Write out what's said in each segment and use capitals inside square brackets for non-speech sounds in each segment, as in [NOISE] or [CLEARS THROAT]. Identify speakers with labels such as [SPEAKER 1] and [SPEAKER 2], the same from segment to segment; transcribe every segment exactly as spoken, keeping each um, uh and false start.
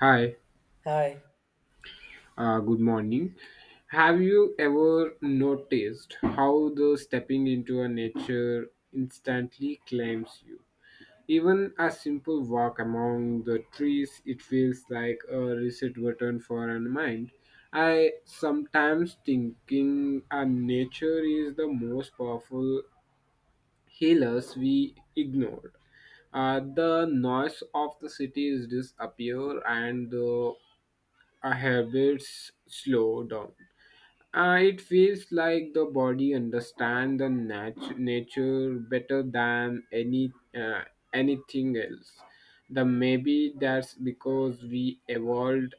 [SPEAKER 1] Hi,
[SPEAKER 2] Hi,
[SPEAKER 1] uh, good morning. Have you ever noticed how the stepping into a nature instantly claims you? Even a simple walk among the trees, it feels like a reset button for our mind. I sometimes thinking our nature is the most powerful healers we ignored. Uh, the noise of the cities disappear and the our habits slow down. Uh, it feels like the body understands the nat- nature better than any uh, anything else. The maybe that's because we evolved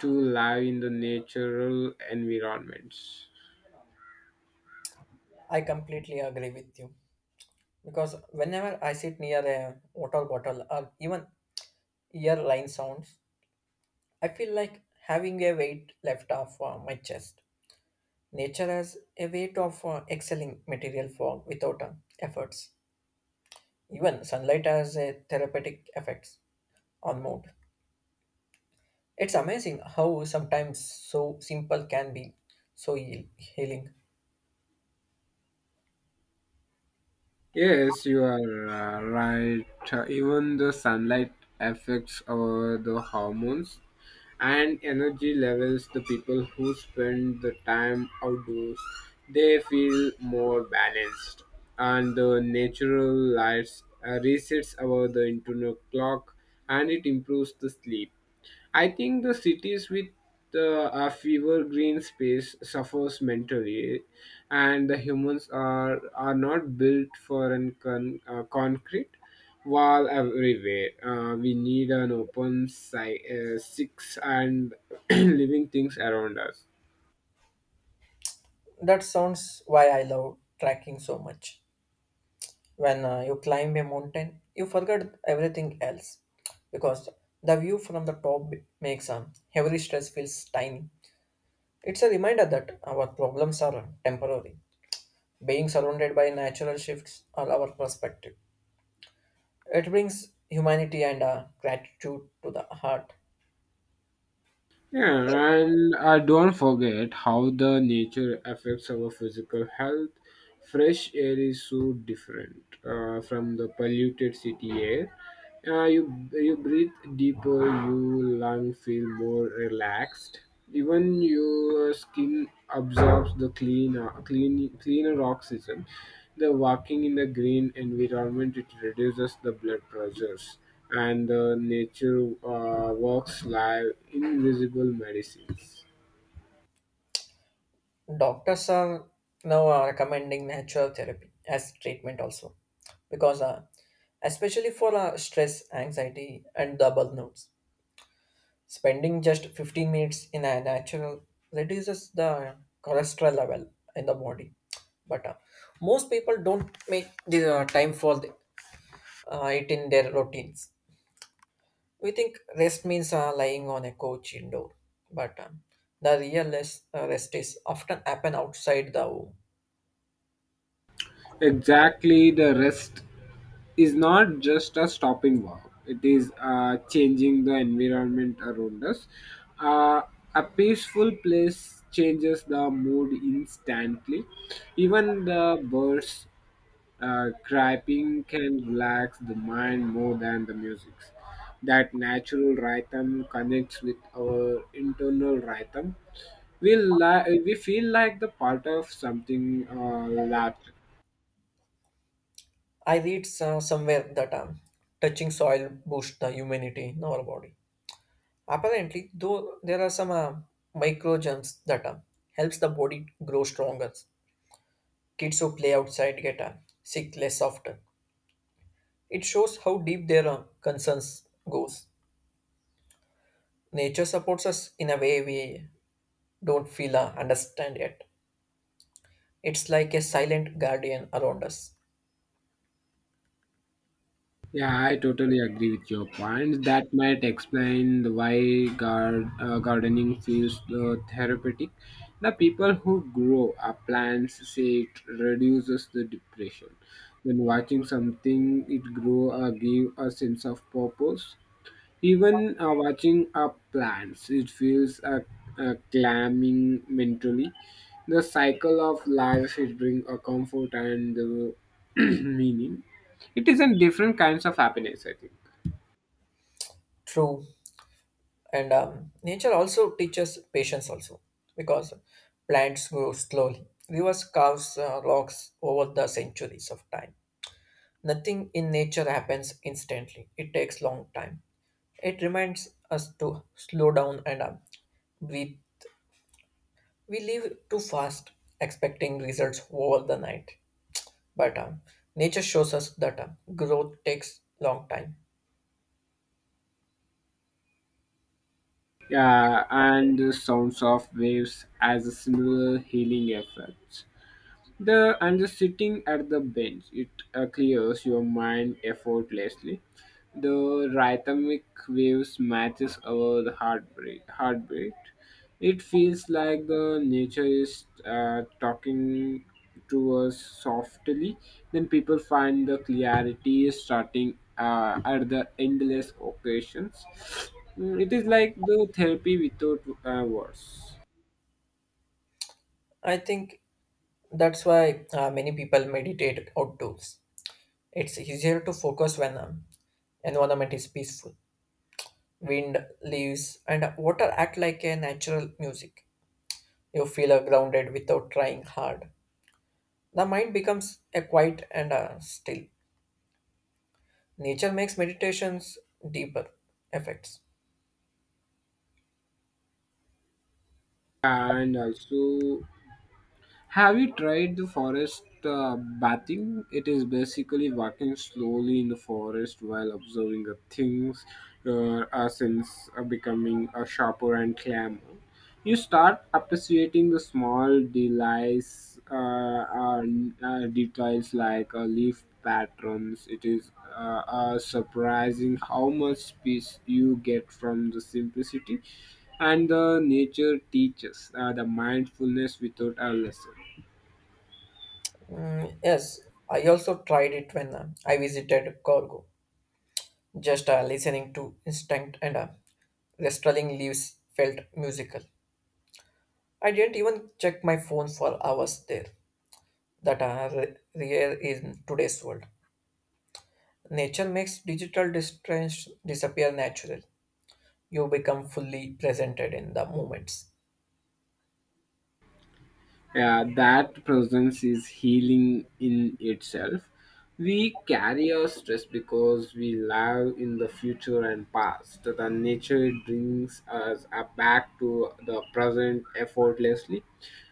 [SPEAKER 1] to live in the natural environments.
[SPEAKER 2] I completely agree with you. Because whenever I sit near a water bottle or even earline sounds, I feel like having a weight left off uh, my chest. Nature has a weight of uh, excelling material for without uh, efforts. Even sunlight has a therapeutic effects on mood. It's amazing how sometimes so simple can be so heal- healing.
[SPEAKER 1] Yes, you are uh, right. Uh, Even the sunlight affects our the hormones and energy levels. The people who spend the time outdoors, they feel more balanced. And the natural lights uh, resets our the internal clock, and it improves the sleep. I think the cities with uh, a fewer green space suffers mentally, and the humans are are not built for an con- uh, concrete wall everywhere. Uh, we need an open si- uh, six and [CLEARS THROAT] living things around us.
[SPEAKER 2] That sounds why I love tracking so much. When uh, you climb a mountain, you forget everything else because the view from the top makes um, every stress feels tiny. It's a reminder that our problems are um, temporary. Being surrounded by natural shifts are our perspective. It brings humanity and uh, gratitude to the heart.
[SPEAKER 1] Yeah, and uh, don't forget how the nature affects our physical health. Fresh air is so different uh, from the polluted city air. Uh, you you breathe deeper, you lung feel more relaxed. Even your skin absorbs the clean, uh, clean, cleaner oxygen. The walking in the green environment it reduces the blood pressures, and the nature uh, works like invisible medicines.
[SPEAKER 2] Doctors are now uh, recommending natural therapy as treatment also because uh, especially for uh, stress, anxiety, and the burnouts. Spending just fifteen minutes in a natural reduces the cholesterol level in the body. But uh, most people don't make the uh, time for the, uh, it in their routines. We think rest means uh, lying on a couch indoor, but um, the real rest, uh, rest is often happen outside the home.
[SPEAKER 1] Exactly, the rest is not just a stopping wow. It is uh, changing the environment around us. Uh, a peaceful place changes the mood instantly. Even the birds uh, criping can relax the mind more than the music. That natural rhythm connects with our internal rhythm. We, li- we feel like the part of something uh, larger.
[SPEAKER 2] I read uh, somewhere that um, touching soil boosts the humidity in our body. Apparently, though, there are some uh, microgens that uh, helps the body grow stronger. Kids who play outside get uh, sick less often. It shows how deep their uh, concerns goes. Nature supports us in a way we don't feel uh, understand yet. It's like a silent guardian around us.
[SPEAKER 1] Yeah, I totally agree with your point. That might explain the why gar- uh, gardening feels uh, therapeutic. The people who grow our plants say it reduces the depression. When watching something it grow uh, give a sense of purpose. Even uh, watching up plants, it feels a uh, calming mentally. The cycle of life is bring a comfort and the [CLEARS THROAT] meaning. It is in different kinds of happiness, I think.
[SPEAKER 2] True, and um, nature also teaches patience also because plants grow slowly. Rivers carve uh, rocks over the centuries of time. Nothing in nature happens instantly. It takes long time. It reminds us to slow down and uh, breathe. We live too fast, expecting results over the night. But um, nature shows us that um, growth takes long time.
[SPEAKER 1] Yeah, and the sounds of waves as a similar healing effect. The and the sitting at the bench, it uh, clears your mind effortlessly. The rhythmic waves matches our the heartbeat. Heartbeat. It feels like the nature is uh, talking to us softly. Then people find the clarity starting uh, at the endless occasions. Mm, it is like the therapy without uh, words.
[SPEAKER 2] I think that's why uh, many people meditate outdoors. It's easier to focus when um, environment is peaceful. Wind, leaves, and water act like a natural music. You feel uh, grounded without trying hard. The mind becomes a quiet and uh, still. Nature makes meditations deeper effects.
[SPEAKER 1] And also have you tried the forest uh, bathing? It is basically walking slowly in the forest while observing the things. Your uh, sense are becoming a sharper and clamor. You start appreciating the small delights, uh, uh, uh, details like uh, leaf patterns. It is uh, uh, surprising how much peace you get from the simplicity, and the nature teaches uh, the mindfulness without a lesson.
[SPEAKER 2] Mm, yes, I also tried it when uh, I visited Corgo. Just uh, listening to instinct and uh, rustling leaves felt musical. I didn't even check my phone for hours there. That are rare in today's world. Nature makes digital distress disappear naturally. You become fully presented in the moments.
[SPEAKER 1] Yeah, that presence is healing in itself. We carry our stress because we live in the future and past. The nature brings us uh, back to the present effortlessly.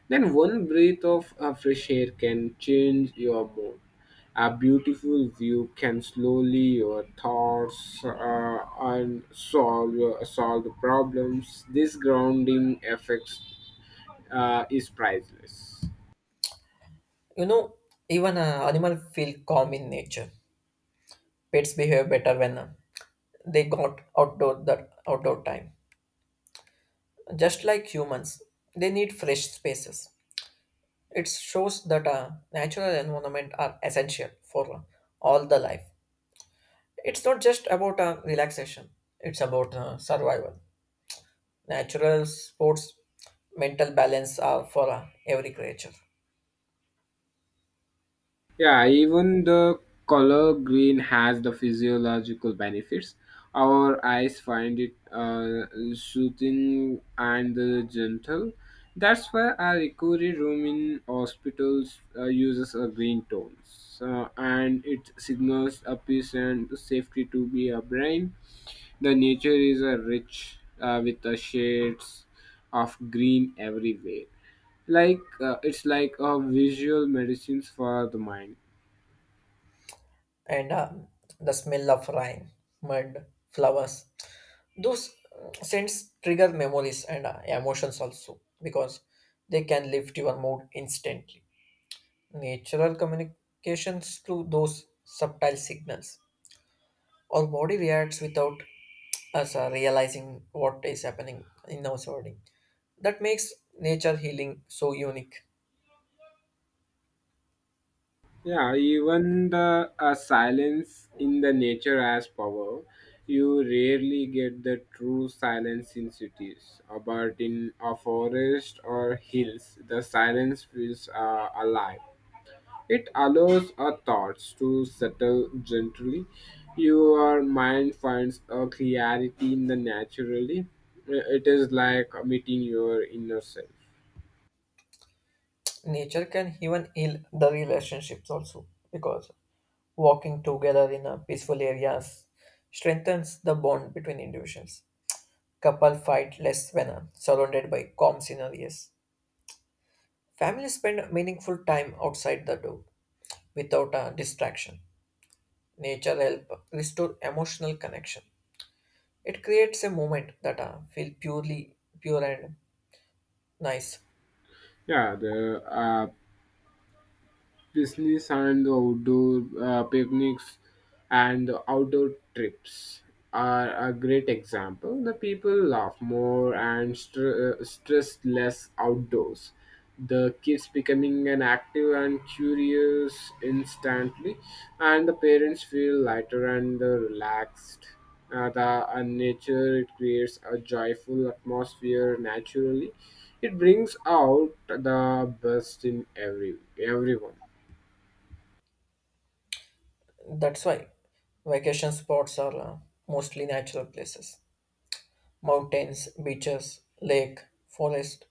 [SPEAKER 1] Then one breath of uh, fresh air can change your mood. A beautiful view can slowly your thoughts uh, and solve your, solve the problems. This grounding effects uh, is priceless.
[SPEAKER 2] You know, even uh, animal feel calm in nature. Pets behave better when uh, they got outdoor the outdoor time. Just like humans, they need fresh spaces. It shows that uh, natural environment are essential for uh, all the life. It's not just about uh, relaxation; it's about uh, survival. Natural sports, mental balance are for uh, every creature,
[SPEAKER 1] Yeah, even the color green has the physiological benefits. Our eyes find it uh, soothing and uh, gentle. That's why our recovery room in hospitals uh, uses a green tones, uh, and it signals a peace and safety to be a brain. The nature is a rich uh, with the shades of green everywhere. Like uh, it's like a visual medicines for the mind.
[SPEAKER 2] and um the smell of rain, mud, flowers, those mm, scents trigger memories and uh, emotions also because they can lift your mood instantly. Natural communications through those subtle signals, our body reacts without us uh, realizing what is happening in our surrounding. That makes nature healing so unique.
[SPEAKER 1] Yeah, even the uh, silence in the nature has power. You rarely get the true silence in cities, Uh, but in a forest or hills, the silence feels uh, alive. It allows our thoughts to settle gently. Your mind finds a clarity in the naturally. Uh, It is like meeting your inner self.
[SPEAKER 2] Nature can even heal the relationships also because walking together in a peaceful areas strengthens the bond between individuals. Couple fight less when uh, surrounded by calm scenarios. Families spend meaningful time outside the door without a distraction. Nature help restore emotional connection. It creates a moment that uh, feel purely pure and nice.
[SPEAKER 1] Yeah, the uh, Disney's and the outdoor uh, picnics and the outdoor trips are a great example. The people laugh more and str- uh, stress less outdoors. The kids becoming an active and curious instantly, and the parents feel lighter and uh, relaxed. Uh, the uh, nature it creates a joyful atmosphere naturally. It brings out the best in every everyone.
[SPEAKER 2] That's why vacation spots are uh, mostly natural places. Mountains, beaches, lake, forest.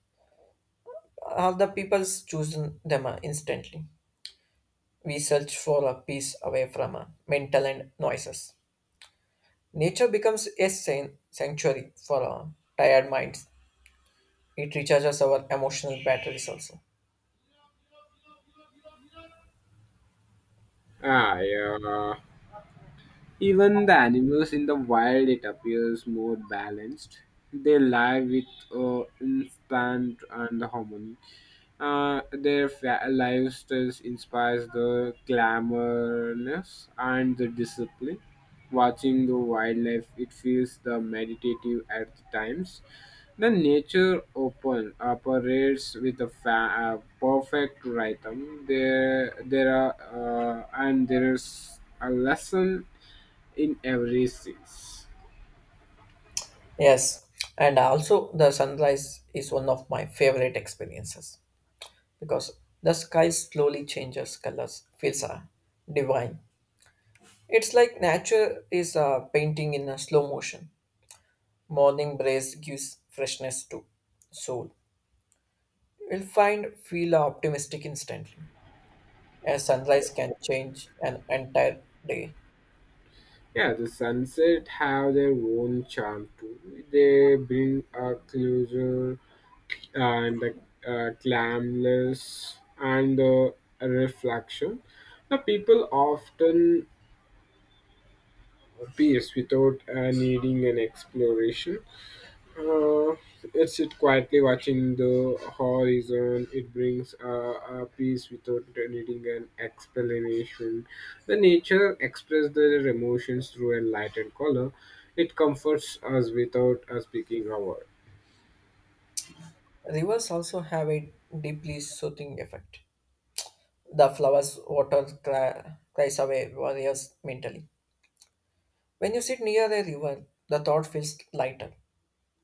[SPEAKER 2] All the people's choosing them uh, instantly. We search for a peace away from uh, mental and noises. Nature becomes a san- sanctuary for uh, tired minds. It recharges our emotional batteries also.
[SPEAKER 1] Ah, ya. Even the animals in the wild, it appears more balanced. They live with uh, instant and harmony. Uh, their fa- lifestyles inspires the glamorous and the discipline. Watching the wildlife, it feels the meditative at times. The nature open operates with a fa- uh, perfect rhythm. There, there are, uh, and there is a lesson in every sense.
[SPEAKER 2] Yes, and also the sunrise is one of my favorite experiences because the sky slowly changes colors, feels uh, divine. It's like nature is uh, painting in a slow motion. Morning breeze gives freshness to soul. You'll find feel optimistic instantly. A sunrise can change an entire day.
[SPEAKER 1] Yeah, the sunset have their own charm too. They bring a closure and the uh, calmness and the reflection. The people often peace without uh, needing an exploration. Uh, it's it sit quietly watching the horizon. It brings uh, a peace without needing an explanation. The nature expresses their emotions through a light and color. It comforts us without us speaking a word.
[SPEAKER 2] Rivers also have a deeply soothing effect. The flowers water cry, cries away warriors mentally. When you sit near a river, the thought feels lighter.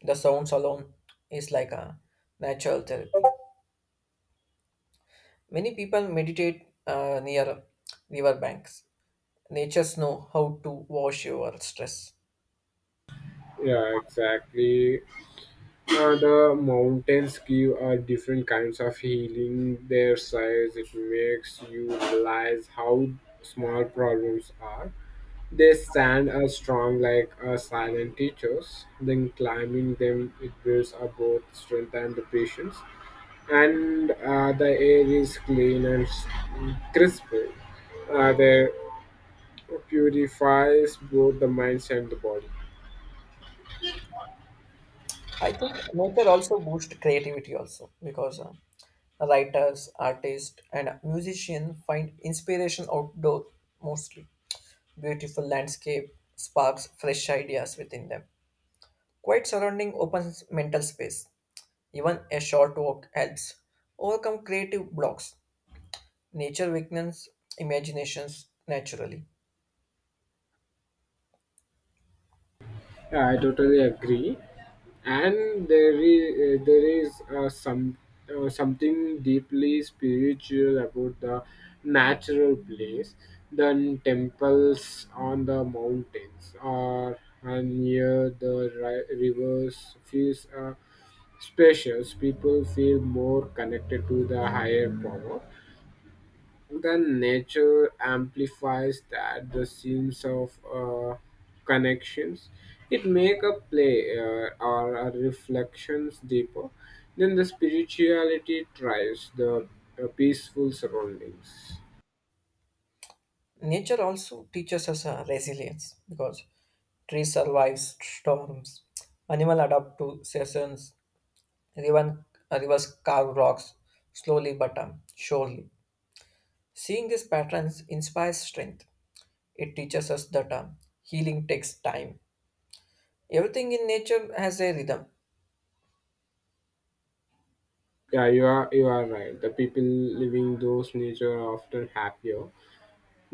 [SPEAKER 2] The sounds alone is like a natural therapy. Many people meditate uh, near river banks. Nature's know how to wash your stress.
[SPEAKER 1] Yeah, exactly. Uh, the mountains give uh, different kinds of healing. Their size it makes you realize how small problems are. They stand as strong like uh, silent teachers. Then climbing them, it builds up both strength and the patience. And uh, the air is clean and s- crisp. Uh, they purifies both the minds and the body.
[SPEAKER 2] I think nature also boosts creativity also because uh, writers, artists, and musicians find inspiration outdoor mostly. Beautiful landscape sparks fresh ideas within them. Quiet surrounding opens mental space. Even a short walk helps overcome creative blocks. Nature weakens imaginations naturally.
[SPEAKER 1] Yeah, I totally agree. And there is uh, there is uh, some uh, something deeply spiritual about the natural place than temples on the mountains or uh, near the ri- rivers feels uh, spacious. People feel more connected to the higher power. Then nature amplifies that the sense of uh, connections, it make a play uh, or a reflections deeper then the spirituality tries the uh, peaceful surroundings.
[SPEAKER 2] Nature also teaches us uh, resilience because trees survive storms, animal adapt to seasons, even rivers carve rocks slowly but um, surely. Seeing these patterns inspires strength. It teaches us that um, healing takes time. Everything in nature has a rhythm,
[SPEAKER 1] Yeah, you are you are right, the people living those nature are often happier.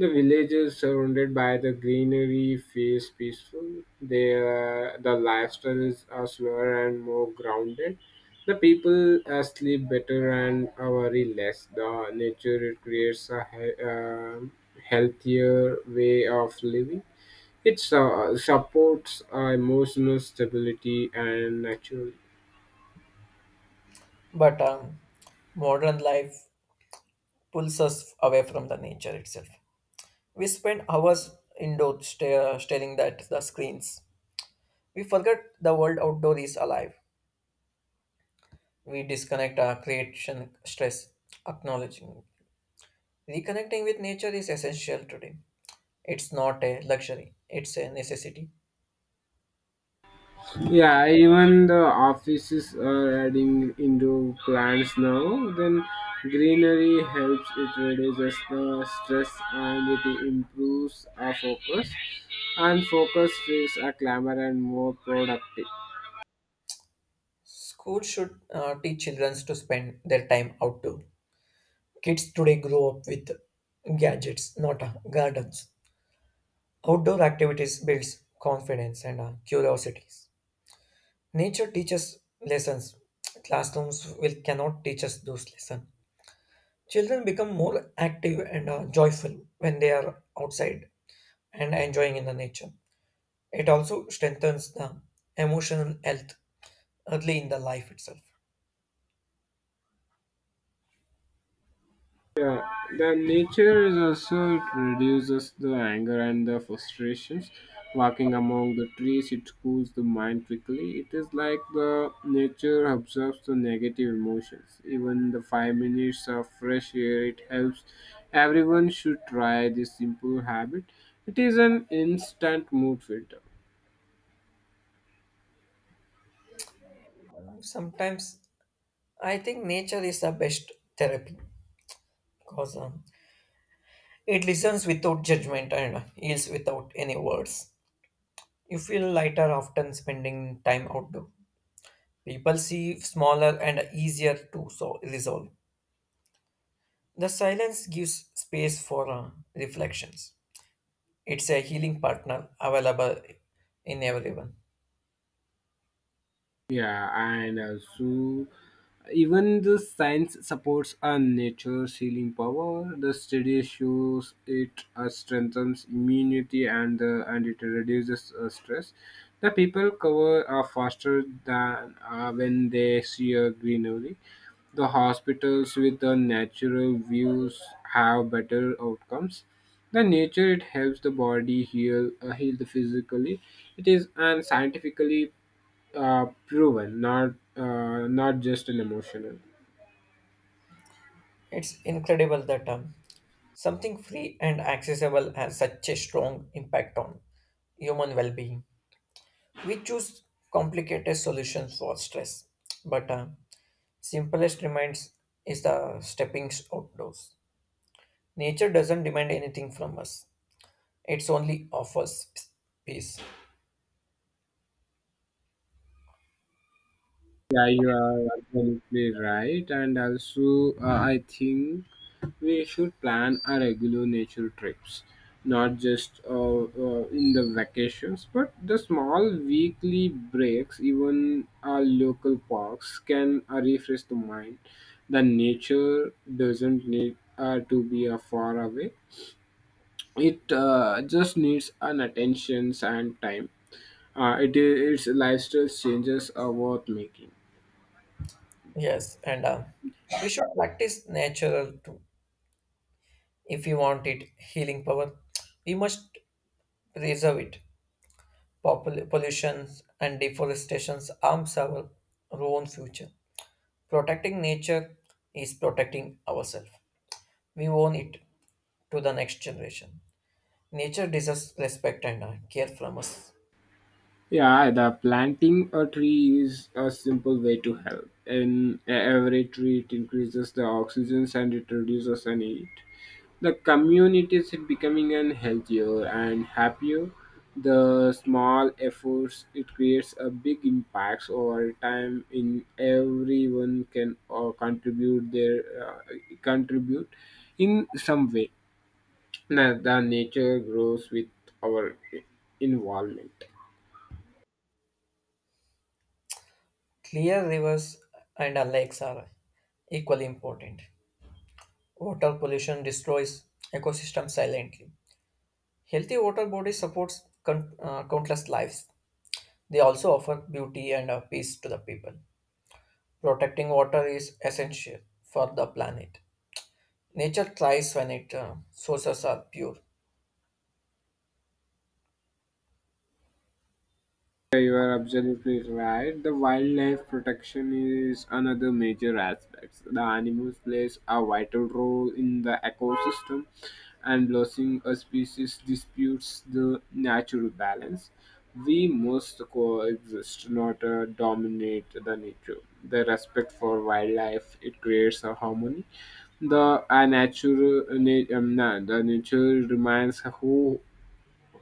[SPEAKER 1] The villages surrounded by the greenery feels peaceful. Their the lifestyles are slower and more grounded. The people uh, sleep better and uh, worry less. The nature it creates a he- uh, healthier way of living. It uh, supports uh, emotional stability and naturally.
[SPEAKER 2] but um, modern life pulls us away from the nature itself. We spend hours indoors sta- staring at the screens. We forget the world outdoor is alive. We disconnect our creation stress, acknowledging. Reconnecting with nature is essential today. It's not a luxury, it's a necessity.
[SPEAKER 1] Yeah, even the offices are adding indoor plants now. Then greenery helps, it reduces the stress and it improves our focus. And focus feels a clamor and more productive.
[SPEAKER 2] Schools should uh, teach children to spend their time outdoor. Kids today grow up with gadgets, not uh, gardens. Outdoor activities builds confidence and uh, curiosities. Nature teaches lessons. Classrooms will cannot teach us those lessons. Children become more active and uh, joyful when they are outside and enjoying in the nature. It also strengthens the emotional health early in the life itself.
[SPEAKER 1] Yeah, the nature is also it reduces the anger and the frustrations. Walking among the trees, it cools the mind quickly. It is like the nature absorbs the negative emotions. Even the five minutes of fresh air, it helps. Everyone should try this simple habit. It is an instant mood filter.
[SPEAKER 2] Sometimes I think nature is the best therapy because um, it listens without judgment and uh, heals without any words. You feel lighter after spending time outdoor. People see smaller and easier to so- resolve. The silence gives space for uh, reflections. It's a healing partner available in everyone.
[SPEAKER 1] Yeah, and also even the science supports a nature's healing power. The study shows it uh, strengthens immunity and uh, and it reduces uh, stress. The people cover are faster than uh, when they see a greenery. The hospitals with the natural views have better outcomes. The nature it helps the body heal uh, heal the physically. It is and scientifically uh, proven, not uh, not just an emotional.
[SPEAKER 2] It's incredible that um, something free and accessible has such a strong impact on human well-being. We choose complicated solutions for stress, but uh, simplest reminds is the stepping outdoors. Nature doesn't demand anything from us, it's only offers peace.
[SPEAKER 1] Yeah, you are absolutely right, and also uh, I think we should plan our regular nature trips, not just uh, uh, in the vacations, but the small weekly breaks. Even our local parks can uh, refresh the mind. The nature doesn't need uh, to be uh, far away. It uh, just needs an attention and time. Uh, it is its lifestyle changes are worth making.
[SPEAKER 2] Yes, and uh, we should practice natural too. If we want it healing power, we must preserve it. Popul- pollution and deforestation harms our own future. Protecting nature is protecting ourselves. We own it to the next generation. Nature deserves respect and uh, care from us.
[SPEAKER 1] Yeah, the planting a tree is a simple way to help. And every tree it increases the oxygen and it reduces the need. The community is becoming an healthier and happier. The small efforts it creates a big impacts over time. In everyone can uh, contribute their uh, contribute in some way. Na- The nature grows with our involvement.
[SPEAKER 2] Clear rivers and uh, lakes are equally important. Water pollution destroys ecosystems silently. Healthy water bodies supports con- uh, countless lives. They also offer beauty and uh, peace to the people. Protecting water is essential for the planet. Nature thrives when its uh, sources are pure.
[SPEAKER 1] Yeah, you are absolutely right. The wildlife protection is another major aspect. The animals plays a vital role in the ecosystem, and losing a species disputes the natural balance. We must coexist, not uh, dominate the nature. The respect for wildlife it creates a harmony. The uh, natural, uh, na- um, na- the nature remains who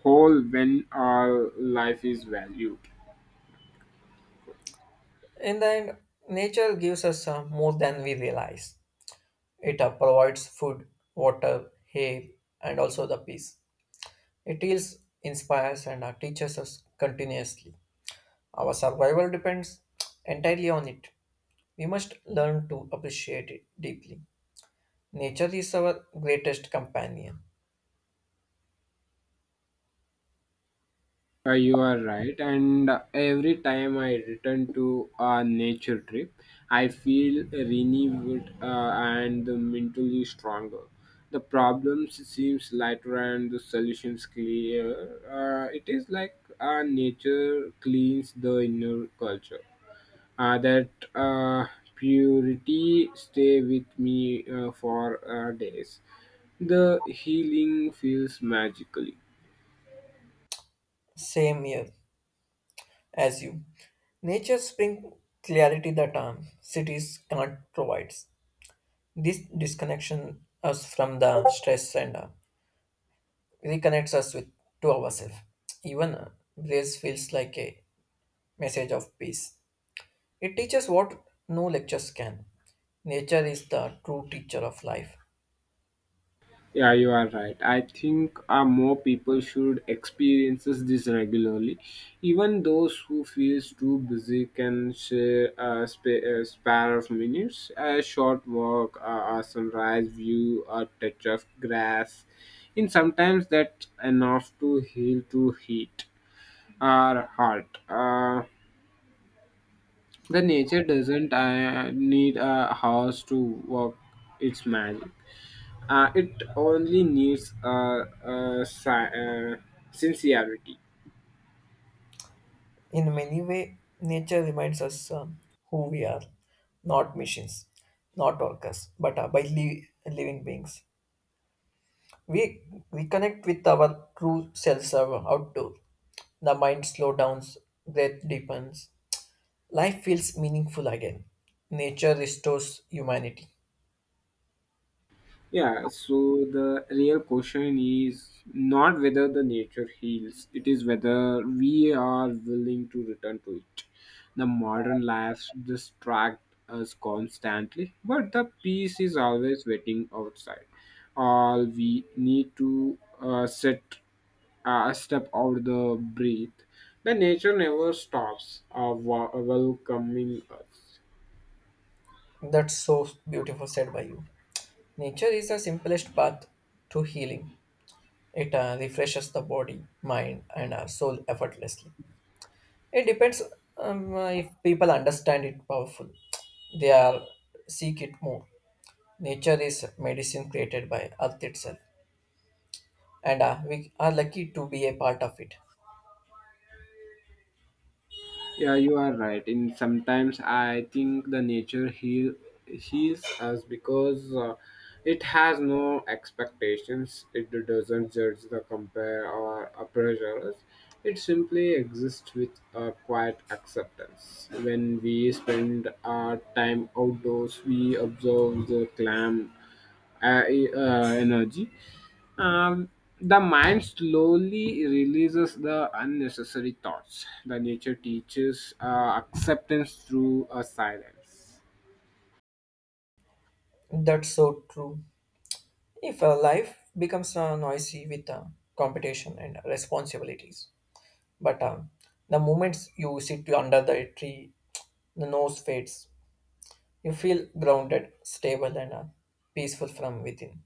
[SPEAKER 1] whole when our life is valued.
[SPEAKER 2] In the end, nature gives us uh, more than we realize. It uh, provides food, water, air, and also the peace. It heals, inspires, and uh, teaches us continuously. Our survival depends entirely on it. We must learn to appreciate it deeply. Nature is our greatest companion.
[SPEAKER 1] Uh, you are right, and uh, every time I return to a nature trip, I feel renewed uh, and mentally stronger. The problems seems lighter and the solutions clear. Uh, it is like uh, nature cleans the inner culture. Uh, that uh, purity stay with me uh, for uh, days. The healing feels magically.
[SPEAKER 2] Same here as you. Nature's brings clarity that um, cities can't provide. This disconnection us from the stress and uh, reconnects us with to ourselves. Even uh, grace feels like a message of peace. It teaches what no lectures can. Nature is the true teacher of life.
[SPEAKER 1] Yeah, you are right. I think uh, more people should experiences this regularly. Even those who feels too busy can share a, spa- a spare of minutes, a short walk, a, a sunrise view, a touch of grass. And sometimes that's enough to heal to heat our heart. Uh, the nature doesn't uh, need a house to work its magic. Uh, it only needs uh, uh, si- uh, sincerity.
[SPEAKER 2] In many ways, nature reminds us uh, who we are, not machines, not workers, but uh, by li- living beings. We reconnect with our true selves uh, outdoor. The mind slows down, breath deepens. Life feels meaningful again. Nature restores humanity.
[SPEAKER 1] Yeah, so the real question is not whether the nature heals, it is whether we are willing to return to it. The modern lives distract us constantly, but the peace is always waiting outside. All we need to uh, sit uh, step out the breath, the nature never stops uh, wa- welcoming us.
[SPEAKER 2] That's so beautiful said by you. Nature is the simplest path to healing. It uh, refreshes the body, mind, and uh, soul effortlessly. It depends um, uh, if people understand it powerful. They are seek it more. Nature is medicine created by Earth itself, and uh, we are lucky to be a part of it.
[SPEAKER 1] Yeah, you are right. In sometimes I think the nature heal heals us because uh, it has no expectations, it doesn't judge the compare or uh, pressure us. It simply exists with a quiet acceptance. When we spend our time outdoors, we observe the clam uh, e, uh, energy. Um, the mind slowly releases the unnecessary thoughts. The nature teaches uh, acceptance through a silence.
[SPEAKER 2] That's so true. If uh, life becomes uh, noisy with uh, competition and responsibilities, but um, the moments you sit under the tree, the nose fades. You feel grounded, stable, and uh, peaceful from within.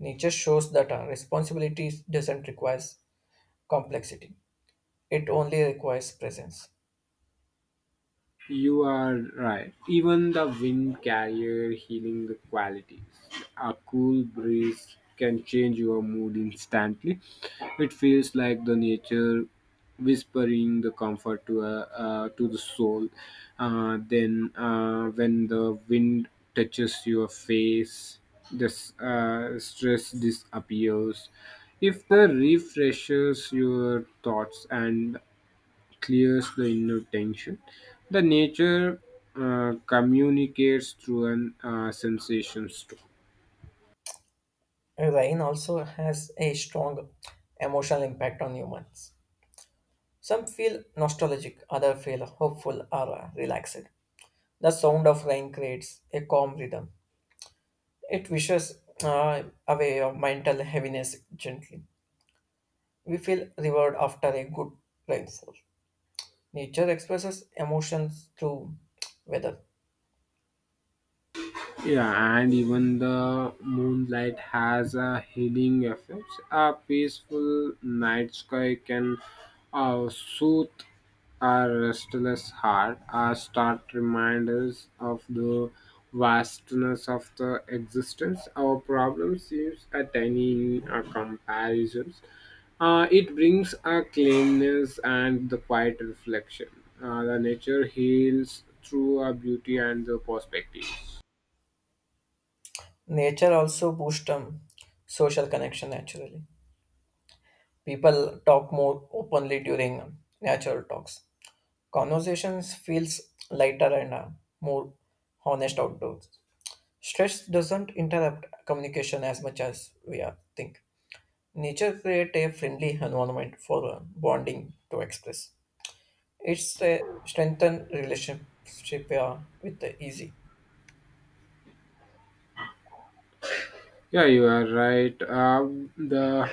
[SPEAKER 2] Nature shows that uh, responsibility doesn't require complexity. It only requires presence.
[SPEAKER 1] You are right. Even the wind carrier healing the qualities. A cool breeze can change your mood instantly. It feels like the nature whispering the comfort to uh, uh, to the soul. Uh, then uh, when the wind touches your face, the s- uh, stress disappears. If the refreshes your thoughts and clears the inner tension. The nature uh, communicates through an uh, sensations too.
[SPEAKER 2] Rain also has a strong emotional impact on humans. Some feel nostalgic, others feel hopeful or uh, relaxed. The sound of rain creates a calm rhythm. It wishes uh, away your mental heaviness gently. We feel reward after a good rainfall. Nature expresses emotions through weather.
[SPEAKER 1] Yeah, and even the moonlight has a healing effect. A peaceful night sky can uh, soothe our restless heart. Our start reminders of the vastness of the existence. Our problem seems a tiny in our comparisons. Uh, it brings a cleanness and the quiet reflection. Uh, the nature heals through our beauty and the perspectives.
[SPEAKER 2] Nature also boosts um, social connection naturally. People talk more openly during natural talks. Conversations feels lighter and uh, more honest outdoors. Stress doesn't interrupt communication as much as we are think. Nature create a friendly environment for uh, bonding to express. It's a strengthened relationship uh, with the easy.
[SPEAKER 1] Yeah, you are right. Um, the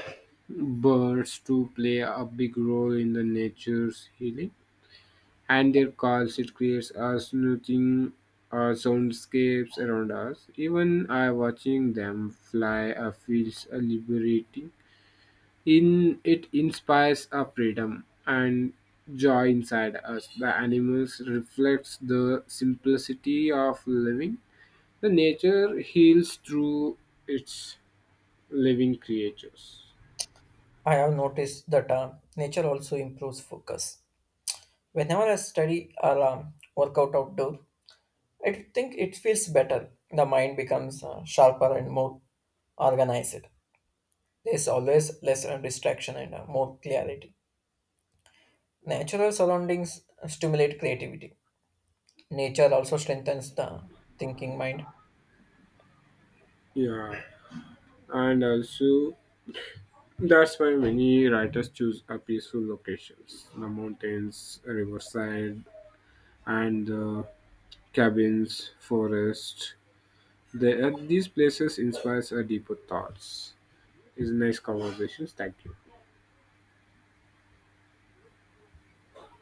[SPEAKER 1] birds do play a big role in the nature's healing, and their calls it creates us looking uh, soundscapes around us. Even I watching them fly uh, feels uh, liberating. In it inspires a freedom and joy inside us. The animals reflects the simplicity of living. The nature heals through its living creatures.
[SPEAKER 2] I have noticed that uh, nature also improves focus. Whenever I study or um, work out outdoor, I think it feels better. The mind becomes uh, sharper and more organized. There's always less uh, distraction and uh, more clarity. Natural surroundings uh, stimulate creativity. Nature also strengthens the thinking mind.
[SPEAKER 1] Yeah, and also that's why many writers choose a peaceful locations, the mountains, riverside, and the cabins, forest. They, uh, these places inspires a deeper thoughts. It's nice conversations. Thank you.